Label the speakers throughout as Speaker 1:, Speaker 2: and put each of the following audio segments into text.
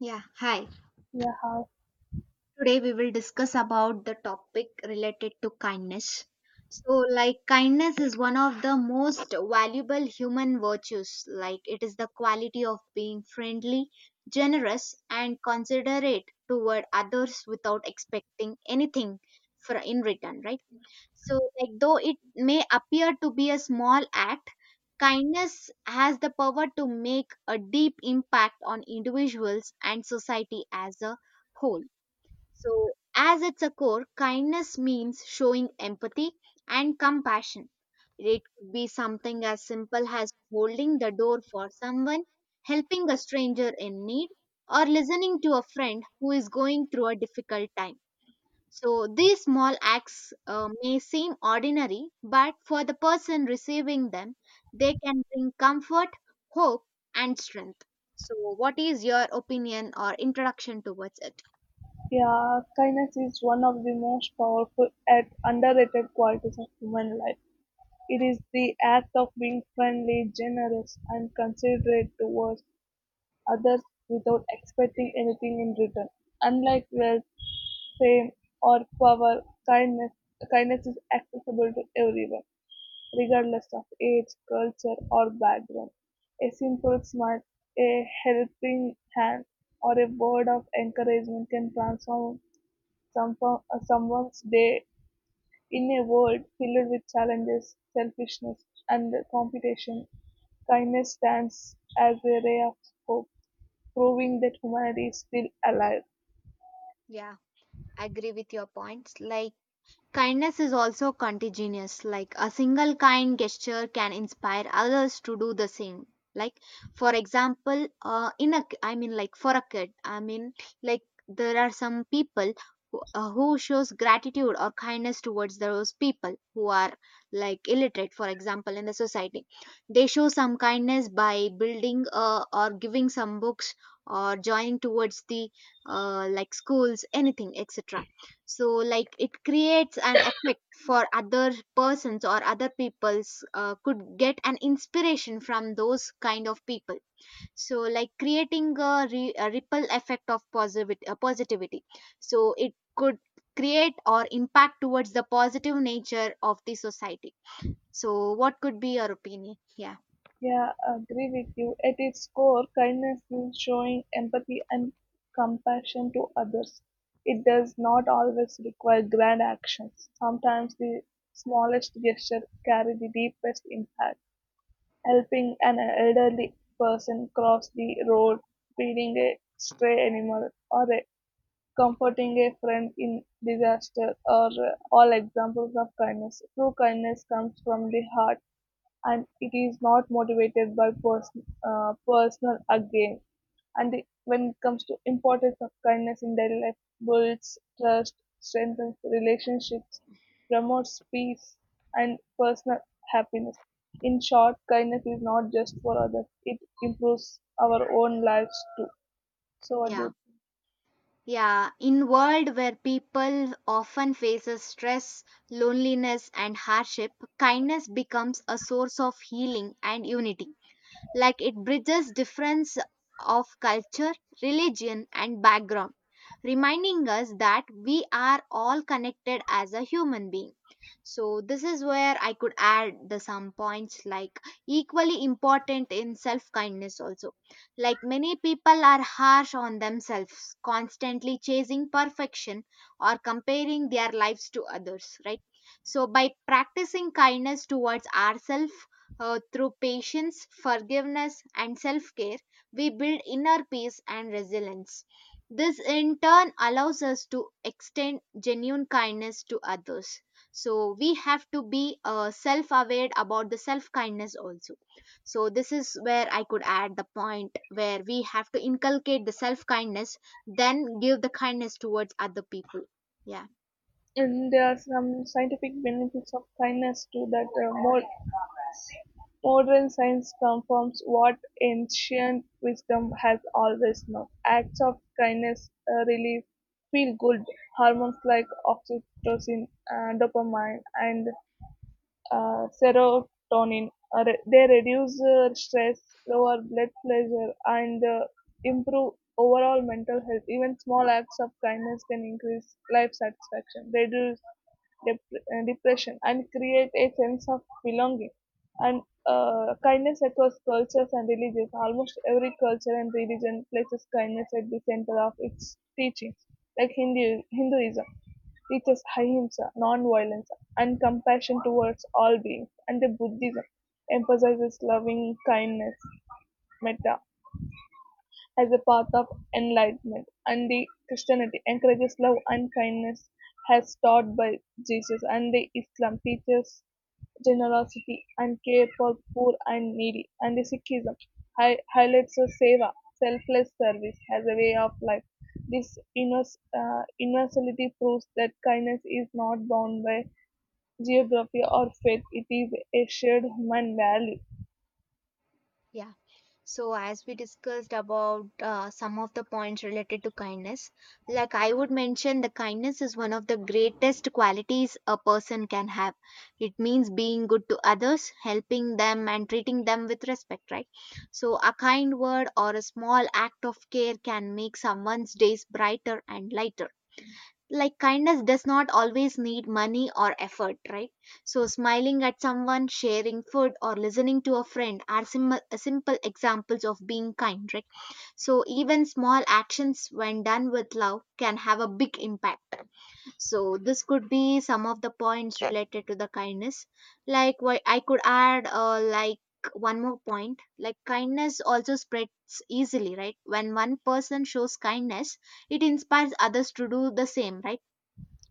Speaker 1: Yeah, hi.
Speaker 2: Yeah, how-
Speaker 1: Today we will discuss about the topic related to kindness. So like kindness is one of the most valuable human virtues. Like it is the quality of being friendly, generous and considerate toward others without expecting anything for in return, right? So like though it may appear to be a small act, kindness has the power to make a deep impact on individuals and society as a whole. So, as its a core, kindness means showing empathy and compassion. It could be something as simple as holding the door for someone, helping a stranger in need, or listening to a friend who is going through a difficult time. So, these small acts may seem ordinary, but for the person receiving them, they can bring comfort, hope, and strength. So, what is your opinion or introduction towards it?
Speaker 2: yeah. Kindness is one of the most powerful and underrated qualities of human life. It is the act of being friendly, generous, and considerate towards others without expecting anything in return. Unlike wealth, fame, or power, kindness kindness is accessible to everyone, regardless of age, culture, or background. A simple smile, a helping hand, or a word of encouragement can transform some, someone's day in a world filled with challenges, selfishness, and competition. Kindness stands as a ray of hope, proving that humanity is still alive.
Speaker 1: Yeah, agree with your points. Like, kindness is also contagious. Like, a single kind gesture can inspire others to do the same. Like, for example, in a I mean, like for a kid, like there are some people who shows gratitude or kindness towards those people who are like illiterate, for example, in the society. They show some kindness by building or giving some books or joining towards the like schools, anything, etc. So like it creates an effect for other persons or other people's could get an inspiration from those kind of people. So like creating a, a ripple effect of positivity, positivity. So it could create or impact towards the positive nature of the society. So what could be your opinion? Yeah,
Speaker 2: Yeah, I agree with you. At its core, kindness is showing empathy and compassion to others. It does not always require grand actions. Sometimes the smallest gesture carry the deepest impact. Helping an elderly person cross the road, feeding a stray animal, or comforting a friend in disaster are all examples of kindness. True kindness comes from the heart and it is not motivated by personal gain. And the, when it comes to importance of kindness in daily life, builds trust, strengthens relationships, promotes peace, and personal happiness. In short, kindness is not just for others; it improves our own lives too. So,
Speaker 1: yeah. Yeah, in world where people often faces stress, loneliness and hardship, kindness becomes a source of healing and unity. Like it bridges difference of culture, religion and background, reminding us that we are all connected as a human being. So this is where I could add the some points like equally important in self kindness also. Like many people are harsh on themselves, constantly chasing perfection or comparing their lives to others, right? So by practicing kindness towards ourselves through patience, forgiveness, and self care, we build inner peace and resilience. This in turn allows us to extend genuine kindness to others. So, we have to be self aware about the self kindness also. So, this is where I could add the point where we have to inculcate the self kindness, then give the kindness towards other people. Yeah.
Speaker 2: and there are some scientific benefits of kindness too that more modern science confirms what ancient wisdom has always known: acts of kindness release feel-good hormones like oxytocin and dopamine. And serotonin. They reduce stress, lower blood pressure, and improve overall mental health. Even small acts of kindness can increase life satisfaction, reduce depression, and create a sense of belonging. And kindness across cultures and religions. Almost every culture and religion places kindness at the center of its teachings, like Hinduism teaches ahimsa, non-violence, and compassion towards all beings, and the Buddhism emphasizes loving kindness (metta) as a path of enlightenment, and the Christianity encourages love and kindness as taught by Jesus, and the Islam teaches generosity and care for poor and needy, and the Sikhism highlights the seva, selfless service, as a way of life. This universality proves that kindness is not bound by geography or faith, it is a shared human value.
Speaker 1: Yeah. So, as we discussed about some of the points related to kindness, like I would mention, the kindness is one of the greatest qualities a person can have. It means being good to others, helping them, and treating them with respect, right? So, a kind word or a small act of care can make someone's days brighter and lighter. Like kindness does not always need money or effort, right? So smiling at someone sharing food or listening to a friend are simple examples of being kind, right? So even small actions when done with love can have a big impact. So this could be some of the points related to the kindness. Like why I could add like one more point like kindness also spreads easily, right? When one person shows kindness, it inspires others to do the same, right?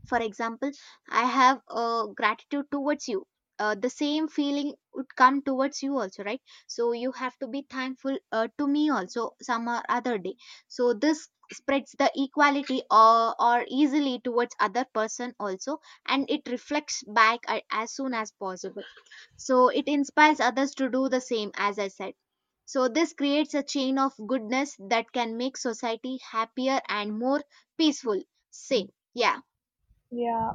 Speaker 1: For example, I have a gratitude towards you. The same feeling would come towards you also, right? So you have to be thankful to me also some or other day. So this spreads the equality or easily towards other person also, and it reflects back as soon as possible. So it inspires others to do the same as I said. So this creates a chain of goodness that can make society happier and more peaceful, say. Yeah,
Speaker 2: Yeah,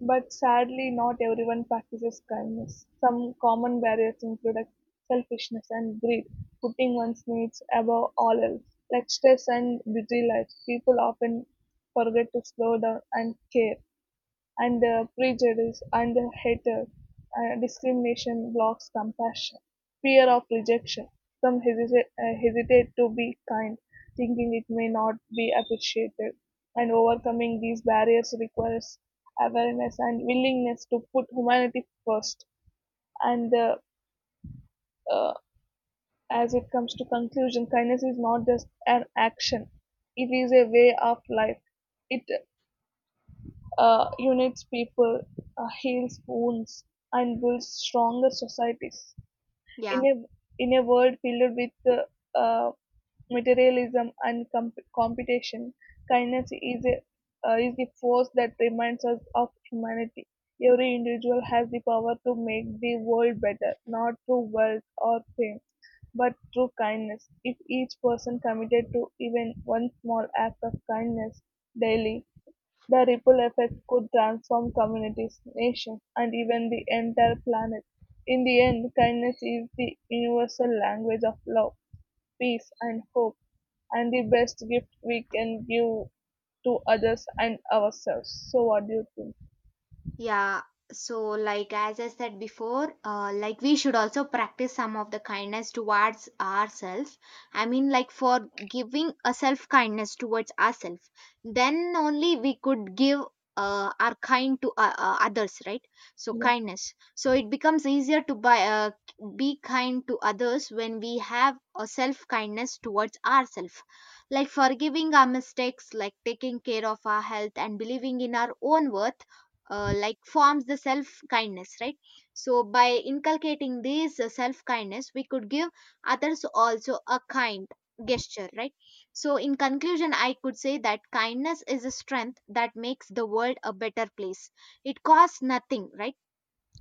Speaker 2: but sadly, not everyone practices kindness. Some common barriers include, like, selfishness and greed, putting one's needs above all else. Like stress and busy life, people often forget to slow down and care. And the prejudice and the hatred, discrimination blocks compassion, fear of rejection. Some hesitate to be kind, thinking it may not be appreciated. And overcoming these barriers requires awareness and willingness to put humanity first. And uh, as it comes to conclusion, kindness is not just an action; it is a way of life. It unites people, heals wounds, and builds stronger societies. In
Speaker 1: yeah.
Speaker 2: a in a world filled with materialism and competition, kindness is a is the force that reminds us of humanity. Every individual has the power to make the world better, not through wealth or fame, but through kindness. If each person committed to even one small act of kindness daily, the ripple effect could transform communities, nations, and even the entire planet. In the end, kindness is the universal language of love, peace, and hope, and the best gift we can give to others and ourselves. So, what do you think?
Speaker 1: Yeah, so like as I said before, like we should also practice some of the kindness towards ourselves. I mean, like for giving a self kindness towards ourselves, then only we could give our kind to others, right? So
Speaker 2: Yeah,
Speaker 1: kindness. So it becomes easier to buy, be kind to others when we have a self kindness towards ourselves. Like forgiving our mistakes, like taking care of our health and believing in our own worth like forms the self kindness, right? So by inculcating this self kindness we could give others also a kind gesture, right? So in conclusion I could say that kindness is a strength that makes the world a better place. It costs nothing, right?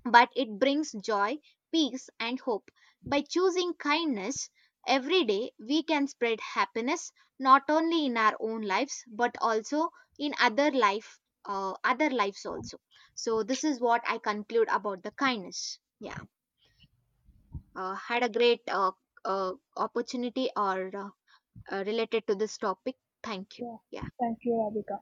Speaker 1: But it brings joy, peace, and hope. By choosing kindness every day, we can spread happiness not only in our own lives but also in other life, other lives also. So this is what I conclude about the kindness. Yeah, had a great opportunity or related to this topic. Thank you.
Speaker 2: yeah.
Speaker 1: Yeah.
Speaker 2: Thank you, Radhika.